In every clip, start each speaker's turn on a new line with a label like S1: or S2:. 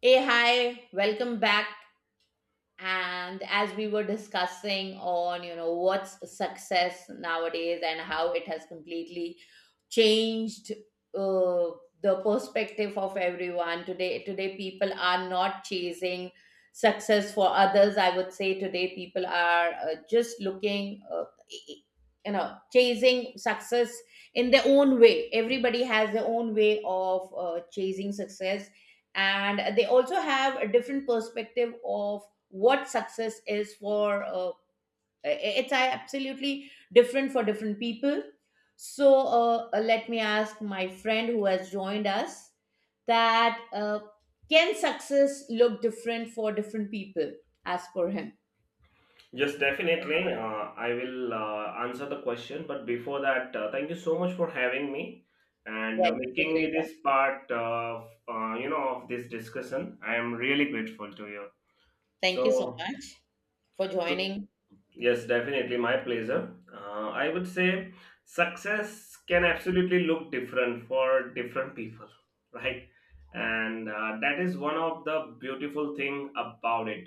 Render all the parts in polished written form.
S1: Hey, hi, welcome back, and as we were discussing, on you know, what's success nowadays and how it has completely changed, uh, the perspective of everyone today. Today people are not chasing success for others. I would say today people are just looking, e, e, you know, chasing success in their own way. Everybody has their own way of chasing success, and they also have a different perspective of what success is for it's absolutely different for different people. So let me ask my friend who has joined us that, can success look different for different people, as per him?
S2: Yes, definitely. I will answer the question, but before that, thank you so much for having me and
S1: Yeah, it's a
S2: making
S1: great
S2: me
S1: one.
S2: this part of of this discussion. I am really grateful to you.
S1: Thank you so
S2: So,
S1: much for
S2: so
S1: joining.
S2: yes, definitely my pleasure. I would say success can absolutely look different for different people, right? And that is one of the beautiful thing about it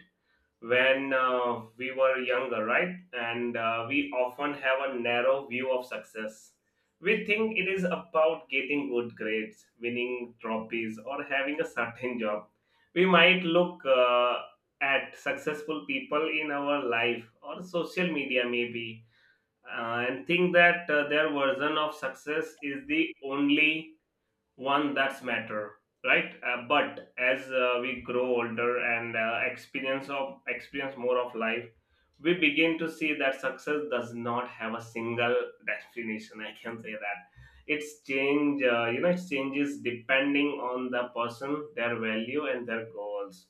S2: when we were younger, right? And we often have a narrow view of success. We think it is about getting good grades, winning trophies, or having a certain job. We might look at successful people in our life or social media, maybe, and think that their version of success is the only one that's matter, right. But as we grow older and experience more of life, we begin to see that success does not have a single definition. I can say that it's change, it changes depending on the person, their value and their goals.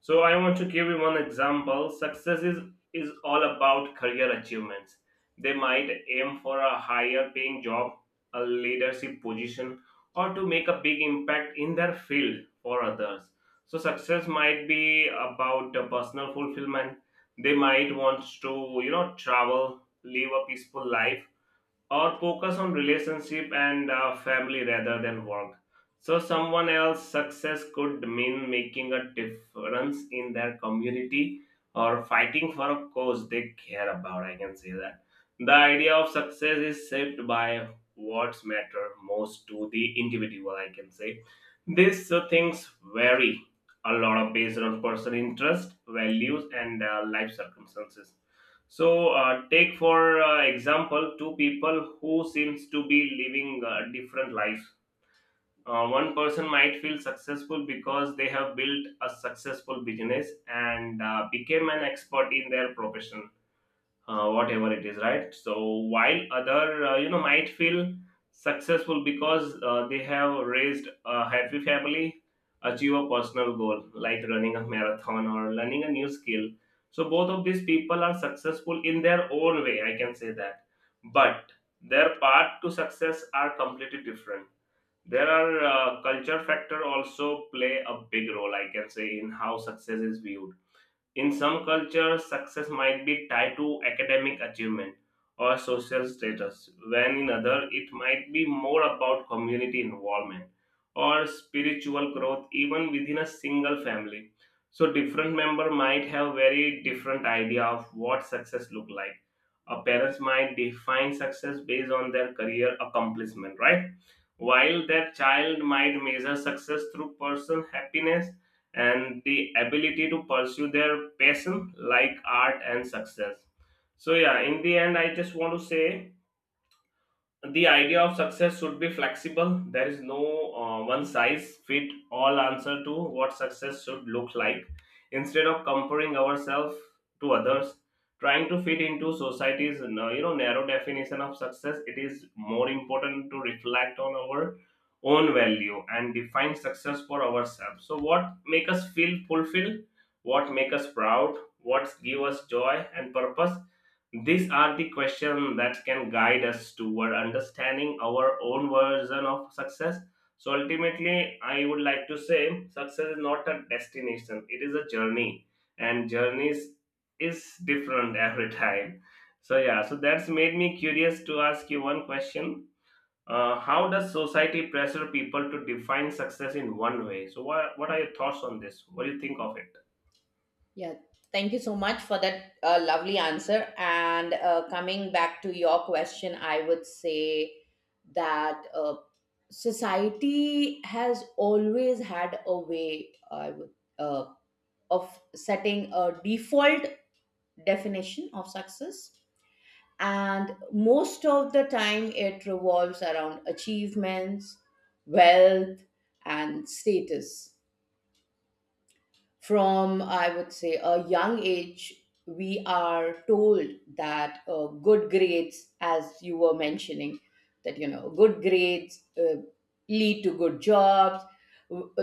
S2: So I want to give you one example. Success is all about career achievements. They might aim for a higher paying job, a leadership position, or to make a big impact in their field for others. So, success might be about personal fulfillment. They might want to, you know, travel, live a peaceful life, or focus on relationship and family rather than work. So someone else's success could mean making a difference in their community or fighting for a cause they care about. I can say that the idea of success is shaped by what's matter most to the individual. I can say these things vary a lot of based on personal interest, values and life circumstances. So, take for example, two people who seems to be living different lives. One person might feel successful because they have built a successful business and became an expert in their profession, whatever it is, right? So while other, might feel successful because they have raised a happy family, achieve a personal goal like running a marathon or learning a new skill. So both of these people are successful in their own way. I can say that, but their path to success are completely different. There are culture factor also play a big role. I can say in how success is viewed in some cultures, success might be tied to academic achievement or social status, when in other it might be more about community involvement or spiritual growth even within a single family. So different member might have very different idea of what success look like. A parents might define success based on their career accomplishment, right? While their child might measure success through personal happiness and the ability to pursue their passion like art and success. So yeah, in the end I just want to say the idea of success should be flexible. There is no one size fit all answer to what success should look like. Instead of comparing ourselves to others, trying to fit into society's, narrow definition of success, it is more important to reflect on our own value and define success for ourselves. So what make us feel fulfilled, what make us proud, what give us joy and purpose, these are the questions that can guide us toward understanding our own version of success. So ultimately, I would like to say success is not a destination, it is a journey, and journeys is different every time. So, yeah, so that's made me curious to ask you one question. How does society pressure people to define success in one way? So, what are your thoughts on this? What do you think of it?
S1: Yeah, thank you so much for that lovely answer. And coming back to your question, I would say that, society has always had a way, I would, uh, of setting a default definition of success. And most of the time, it revolves around achievements, wealth, and status. From, I would say, a young age, we are told that, good grades, as you were mentioning, that, you know, good grades lead to good jobs. w- uh,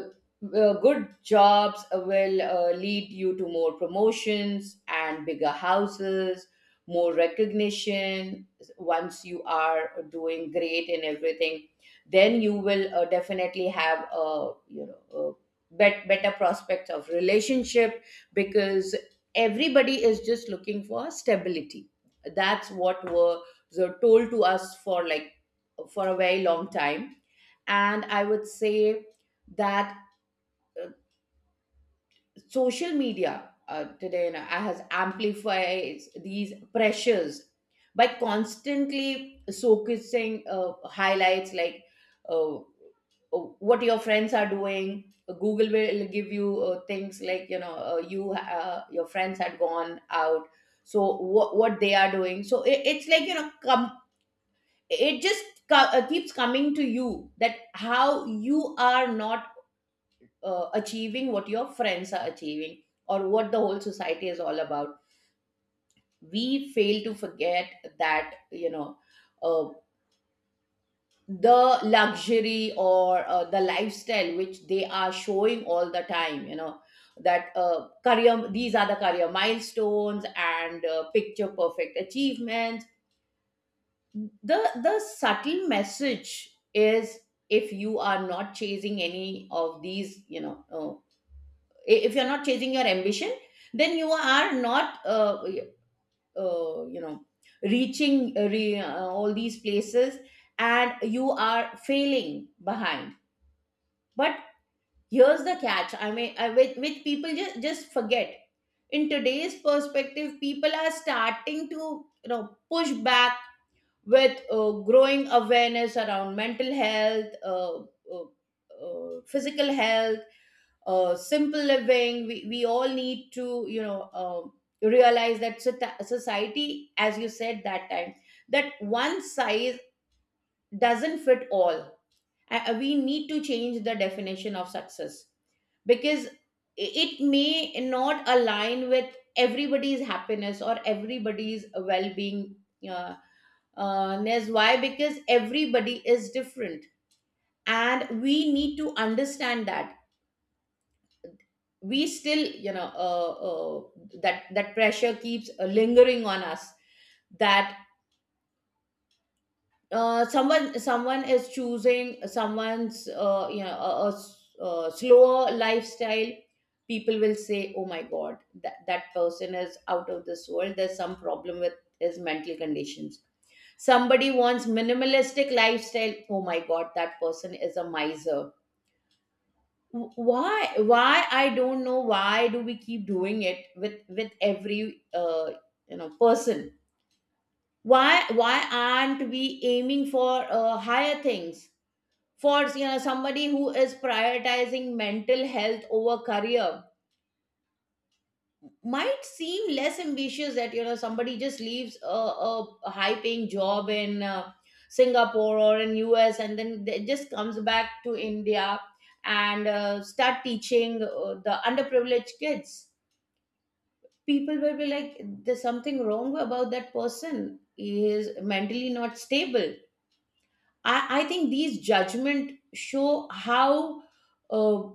S1: Good jobs will lead you to more promotions and bigger houses, more recognition. Once you are doing great in everything, then you will definitely have a, you know, better prospects of relationship, because everybody is just looking for stability. That's what were told to us for like, for a very long time. And I would say that social media, today now, has amplified these pressures by constantly focusing highlights like, uh, uh, what your friends are doing. Google will give you things like, you know, you, your friends had gone out, so what they are doing. So it's like, you know, come, it just keeps coming to you, that how you are not achieving what your friends are achieving, or what the whole society is all about. We fail to forget that, you know, uh, the luxury, or the lifestyle which they are showing all the time, you know, that career, these are the career milestones and picture perfect achievements. The subtle message is, if you are not chasing any of these, you know, if you're not chasing your ambition, then you are not, you know, reaching all these places, and you are failing behind. But here's the catch, I mean, with, people just forget. In today's perspective, people are starting to, you know, push back with growing awareness around mental health, uh, physical health, simple living. We all need to, you know, realize that society, as you said that time, that one size doesn't fit all. We need to change the definition of success, because it may not align with everybody's happiness or everybody's well-being. Uh, ness. Why? Because everybody is different, and we need to understand that. We still, you know, that that pressure keeps lingering on us, that someone is choosing someone's, you know, a slower lifestyle. People will say, oh my god, that person is out of this world, there's some problem with his mental conditions. Somebody wants minimalistic lifestyle, oh my god, that person is a miser. Why? Why? I don't know, why do we keep doing it with every, you know, person? Why? Why aren't we aiming for higher things? For, you know, somebody who is prioritizing mental health over career might seem less ambitious. That, you know, somebody just leaves high paying job in, Singapore or in US, and then they just comes back to India, and start teaching the underprivileged kids. People will be like, there's something wrong about that person, he is mentally not stable. I think these judgment show how, uh,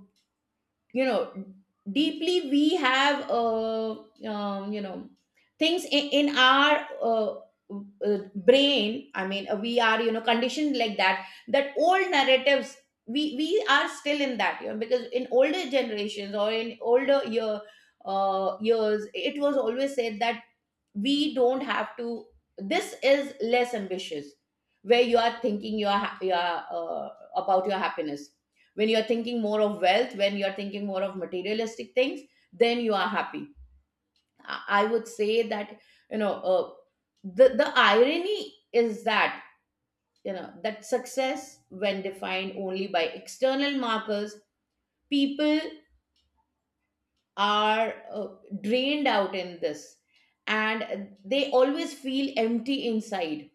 S1: you know, deeply we have, you know, things in our, brain. I mean, we are, you know, conditioned like that, that old narratives. We are still in that, you know, because in older generations, or in older years, it was always said that we don't have to, this is less ambitious. Where you are thinking, you are, you are, about your happiness. When you are thinking more of wealth, when you are thinking more of materialistic things, then you are happy. i I would say that, you know, the irony is that, you know, that success, when defined only by external markers, people are, uh, drained out in this, and they always feel empty inside.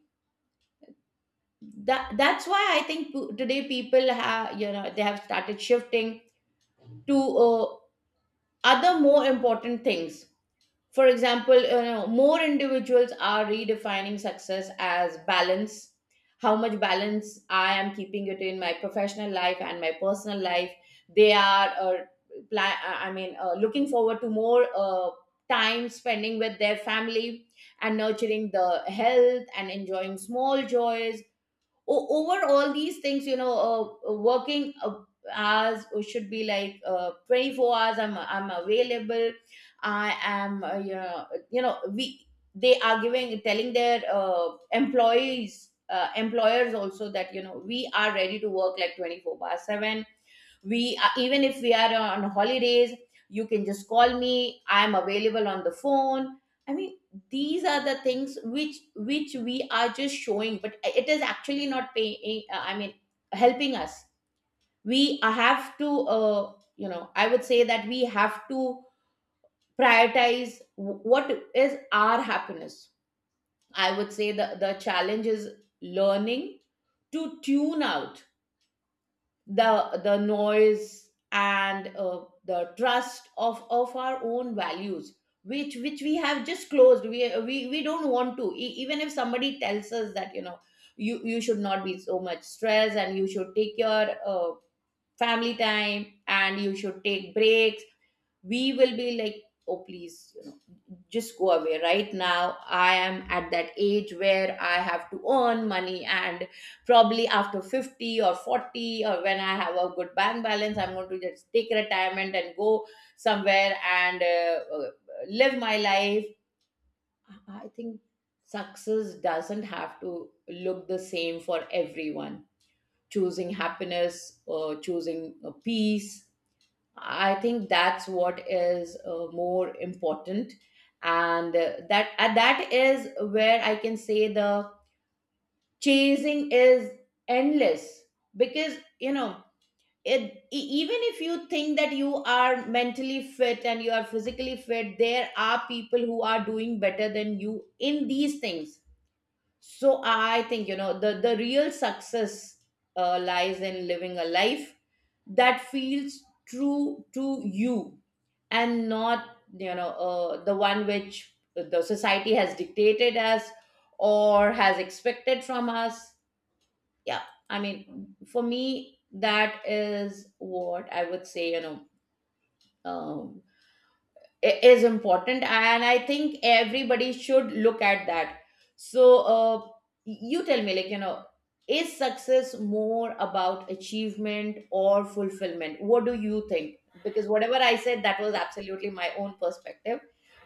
S1: That's why I think, today people have, you know, they have started shifting to, uh, other more important things. For example, you know, more individuals are redefining success as balance. How much balance I am keeping it in my professional life and my personal life. They are, I mean, looking forward to more, time spending with their family, and nurturing the health and enjoying small joys o- over all these things, you know. Working hours should be like, 24 hours, I'm available, I am, you know, you know we they are giving, telling their employees, employers also, that, you know, we are ready to work like 24/7. We are, even if we are on holidays, you can just call me, I'm available on the phone. I mean, these are the things which we are just showing, but it is actually not paying, I mean, helping us. We have to, you know, I would say that we have to prioritize what is our happiness. I would say the challenge is learning to tune out the noise and, the trust of our own values, which we have just closed. We don't want to, even if somebody tells us that, you know, you should not be so much stressed and you should take your, family time and you should take breaks. We will be like, oh please, just go away right now, I am at that age where I have to earn money, and probably after 50 or 40, or when I have a good bank balance, I'm going to just take retirement and go somewhere, and live my life. I think success doesn't have to look the same for everyone. Choosing happiness, or choosing peace, I think that's what is more important. And that is where I can say the chasing is endless, because, you know, it, e- even if you think that you are mentally fit and you are physically fit, there are people who are doing better than you in these things. So I think, you know, the real success lies in living a life that feels true to you, and not, you know, the one which the society has dictated us, or has expected from us. Yeah. I mean, for me, that is what I would say, you know, uh, is important, and I think everybody should look at that. So, uh, you tell me, like, you know, is success more about achievement or fulfillment? What do you think? Because whatever I said, that was absolutely my own perspective.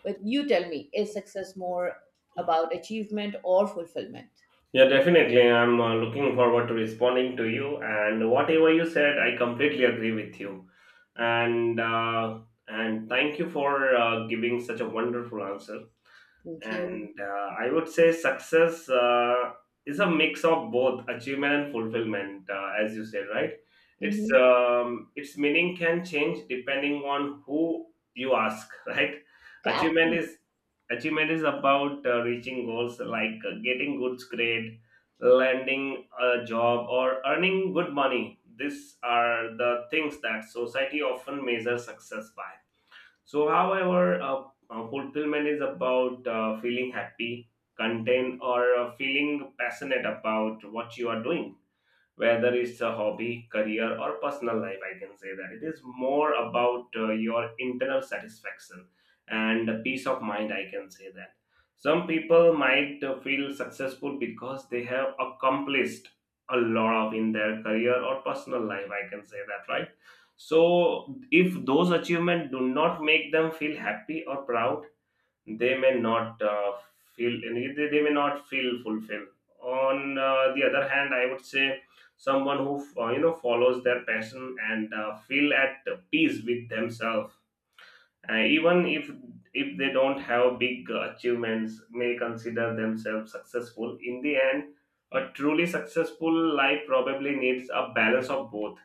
S1: But you tell me, is success more about achievement or fulfillment?
S2: Yeah, definitely. I'm looking forward to responding to you. And whatever you said, I completely agree with you. And uh, and thank you for giving such a wonderful answer,
S1: Thank you.
S2: and I would say success is a mix of both achievement and fulfillment, as you said, right? It's
S1: Hmm.
S2: its meaning can change depending on who you ask, right? achievement
S1: Absolutely.
S2: is achievement is about reaching goals like getting good grade, landing a job or earning good money. These are the things that society often measures success by. So, however, fulfillment is about feeling happy, content, or feeling passionate about what you are doing, whether it's a hobby, career, or personal life. I can say that it is more about your internal satisfaction and peace of mind. I can say that some people might feel successful because they have accomplished a lot of in their career or personal life. I can say that, right? So, if those achievements do not make them feel happy or proud, they may not feel any they may not feel fulfilled on the other hand. I would say someone who, follows their passion and feel at peace with themselves, even if they don't have big achievements may consider themselves successful in the end. A truly successful life probably needs a balance of both.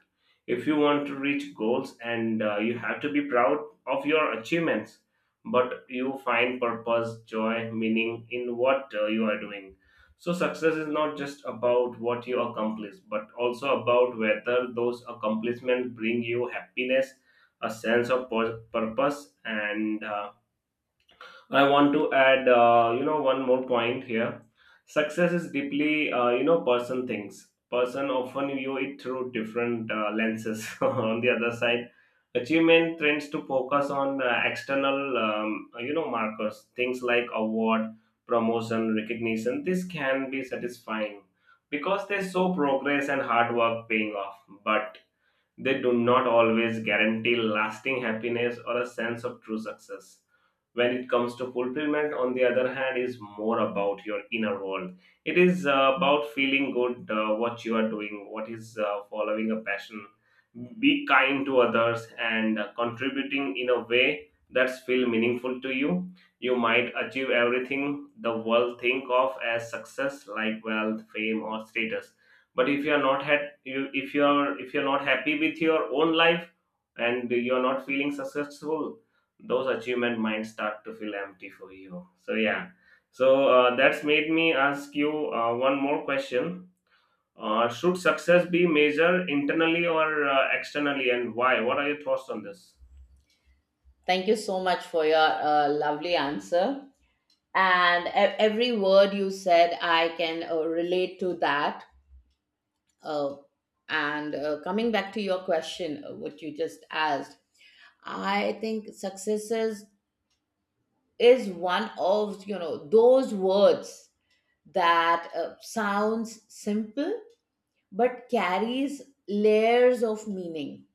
S2: If you want to reach goals and you have to be proud of your achievements, but you find purpose, joy, meaning in what you are doing. So success is not just about what you accomplish but also about whether those accomplishments bring you happiness, a sense of purpose. And I want to add, one more point here. Success is deeply, person things. Person often view it through different lenses. On the other side, achievement tends to focus on external, markers, things like award, promotion, recognition. This can be satisfying because they show progress and hard work paying off, but they do not always guarantee lasting happiness or a sense of true success. When it comes to fulfillment on the other hand is more about your inner world. It is about feeling good what you are doing, what is following a passion, be kind to others and contributing in a way that's feel meaningful to you. You might achieve everything the world think of as success like wealth, fame or status, but if you are not had you if you are not happy with your own life and you are not feeling successful, those achievement might start to feel empty for you. So yeah, so that's made me ask you one more question. Should success be measured internally or externally, and why? What are your thoughts on this?
S1: Thank you so much for your lovely answer. And every word you said, I can relate to that. Uh, and coming back to your question, what you just asked, I think successes is one of those words that sounds simple but carries layers of meaning.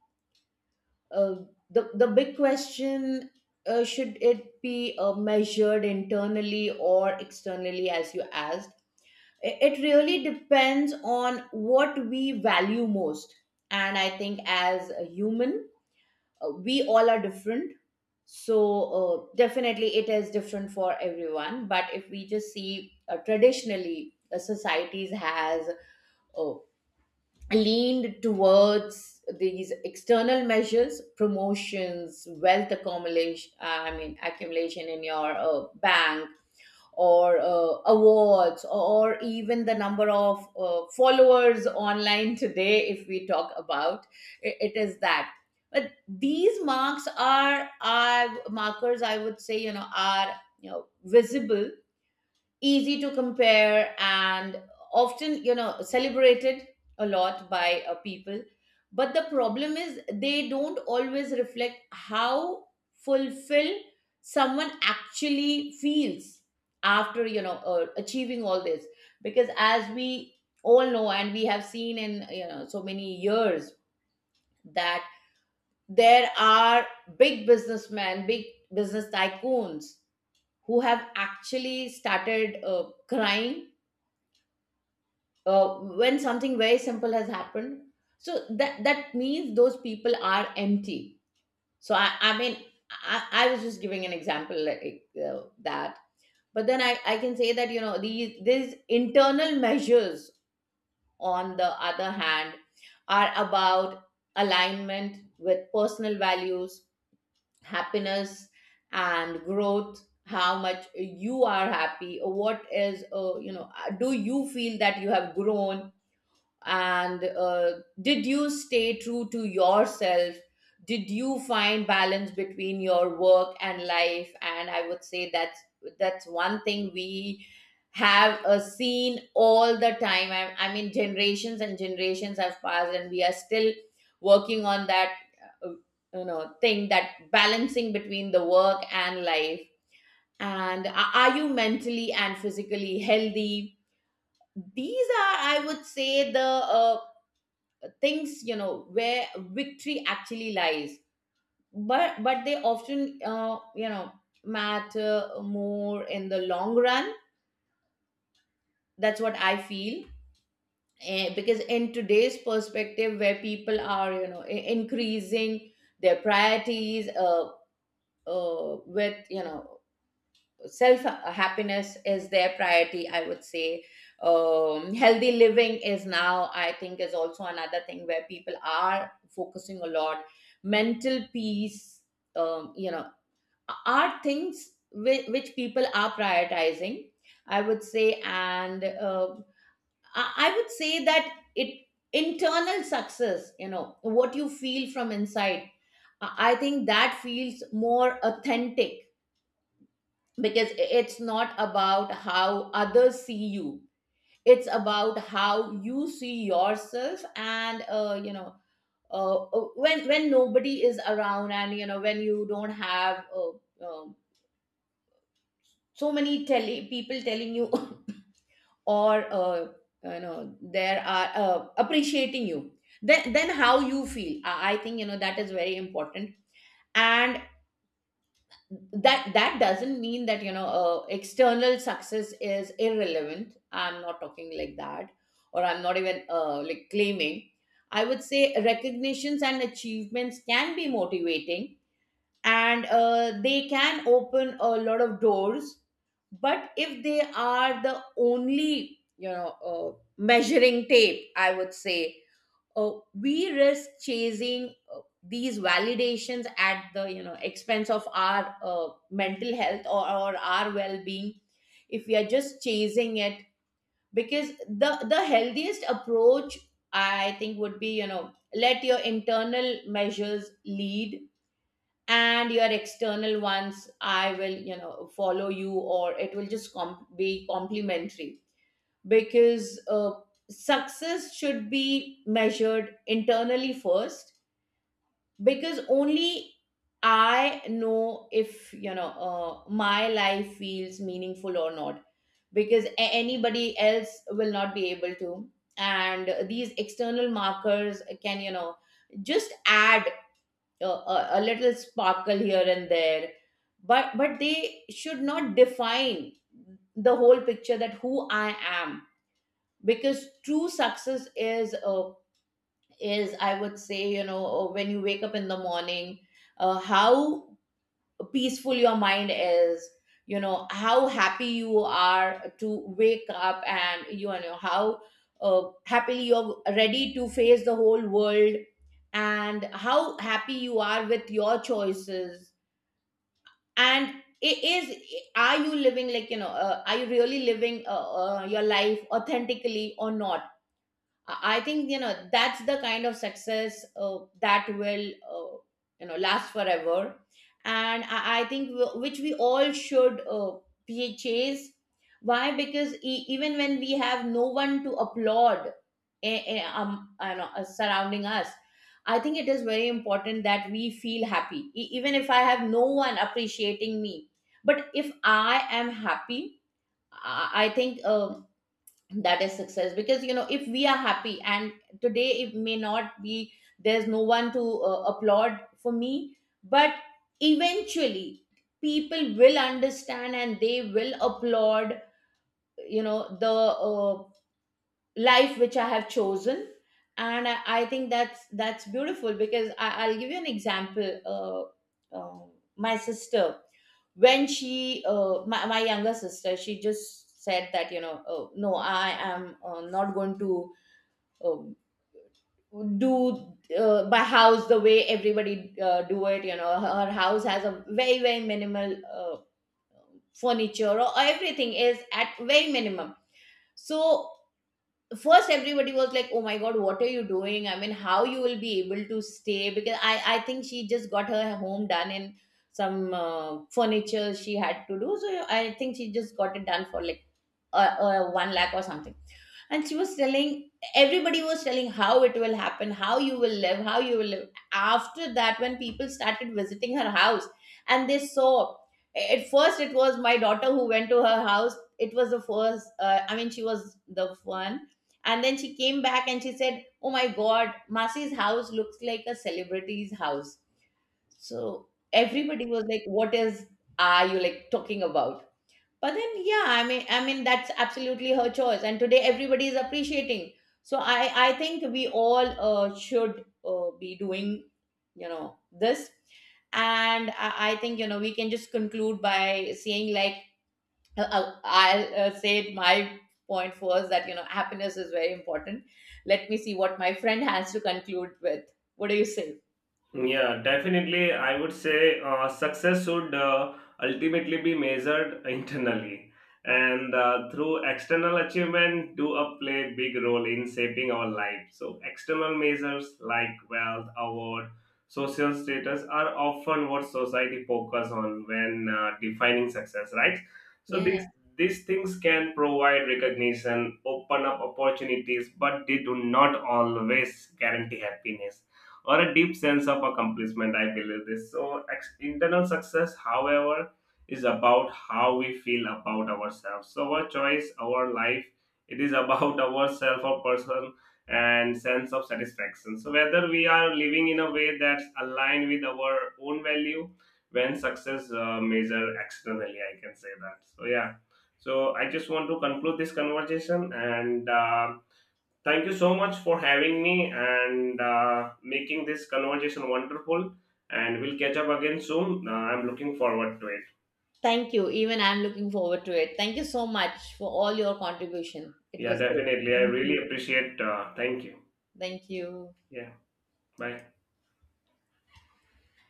S1: uh, the big question, should it be measured internally or externally, as you asked? It really depends on what we value most, and I think as a human, we all are different. So definitely it is different for everyone, but if we just see, traditionally the societies has uh, leaned towards these external measures: promotions, wealth accumulation, I mean accumulation in your bank, or awards, or even the number of followers online today, if we talk about. It is that. But these marks are markers, I would say, are, visible, easy to compare, and often, celebrated a lot by people. But the problem is they don't always reflect how fulfilled someone actually feels after, achieving all this. Because as we all know, and we have seen in, so many years, that there are big businessmen, big business tycoons, who have actually started crying when something very simple has happened. So that means those people are empty. So I mean, I was just giving an example, like that. But then I can say that, these internal measures, on the other hand, are about alignment with personal values, happiness, and growth. How much you are happy, what is, do you feel that you have grown, and did you stay true to yourself, did you find balance between your work and life? And I would say that's one thing we have seen all the time. I mean generations and generations have passed and we are still working on that, uh, thing, that balancing between the work and life. And are you mentally and physically healthy? These are, I would say, the things, where victory actually lies. But they often, matter more in the long run. That's what I feel. Because in today's perspective, where people are, increasing their priorities, with you know self happiness is their priority, I would say. Healthy living is now, I think, is also another thing where people are focusing a lot. Mental peace, um, you know are things which people are prioritizing, I would say. And I would say that it, internal success, what you feel from inside, I think that feels more authentic. Because it's not about how others see you, it's about how you see yourself. And when nobody is around, and when you don't have, um so many people telling you or there are appreciating you, then how you feel, I think, that is very important. And that doesn't mean that, external success is irrelevant. I'm not talking like that, or I'm not even like claiming. I would say recognitions and achievements can be motivating, and they can open a lot of doors. But if they are the only, measuring tape, I would say, we risk chasing these validations at the, expense of our mental health, or our well-being, if we are just chasing it. Because the healthiest approach, I think, would be, let your internal measures lead, and your external ones, I will, follow you, or it will just be complementary. Because success should be measured internally first, because only I know if, my life feels meaningful or not, because anybody else will not be able to. And these external markers can, just add a little sparkle here and there, but they should not define the whole picture, that who I am. Because true success is I would say, when you wake up in the morning, how peaceful your mind is, how happy you are to wake up, and how happily you're ready to face the whole world, and how happy you are with your choices, and it is, are you living, like are you really living, your life authentically or not? I think, that's the kind of success that will last forever, and I think which we all should chase. Why? Because even when we have no one to applaud, I know, surrounding us, I think it is very important that we feel happy. Even if I have no one appreciating me, but if I am happy, I think. That is success. Because, if we are happy and today it may not be, there's no one to applaud for me, but eventually people will understand and they will applaud, the uh, life which I have chosen. And I think that's beautiful. Because I'll give you an example. uh, uh, my sister, when she my, younger sister, she just said that, oh, no, I am not going to um, do my house the way everybody do it. Her, house has a very very minimal furniture, or everything is at very minimum. So first everybody was like, oh my god, what are you doing? I mean, how you will be able to stay? Because I think she just got her home done in some furniture she had to do. So I think she just got it done for like a, 1 lakh or something. And she was telling, everybody was telling, how it will happen, how you will live, how you will live. After that, when people started visiting her house, and they saw, at first it was my daughter who went to her house, it was the first, I mean she was the one. And then she came back and she said, oh my god, Masi's house looks like a celebrity's house. So everybody was like, what is, are you like talking about? But then, yeah, I mean that's absolutely her choice, and today everybody is appreciating. So I think we all should be doing, this. And I think, we can just conclude by saying, like, I'll say my point first, that, happiness is very important. Let me see what my friend has to conclude with. What do you say?
S2: Yeah, definitely. I would say success should ultimately be measured internally, and through external achievement do a play big role in shaping our life. So external measures like wealth, award, social status are often what society focus on when defining success, right? So
S1: Yeah, yeah.
S2: these things can provide recognition, open up opportunities, but they do not always guarantee happiness or a deep sense of accomplishment. I believe this. So, internal success, however, is about how we feel about ourselves. So, our choice, our life, it is about ourself or person and sense of satisfaction. So, whether we are living in a way that's aligned with our own value, when success measure externally, I can say that. So, yeah. So I just want to conclude this conversation and. Thank you so much for having me and making this conversation wonderful. And we'll catch up again soon. I'm looking forward to it.
S1: Thank you. Even I'm looking forward to it. Thank you so much for all your contribution. It
S2: Yeah,
S1: was great.
S2: definitely. I
S1: Thank you.
S2: really appreciate. Thank you.
S1: Thank you.
S2: Yeah. Bye.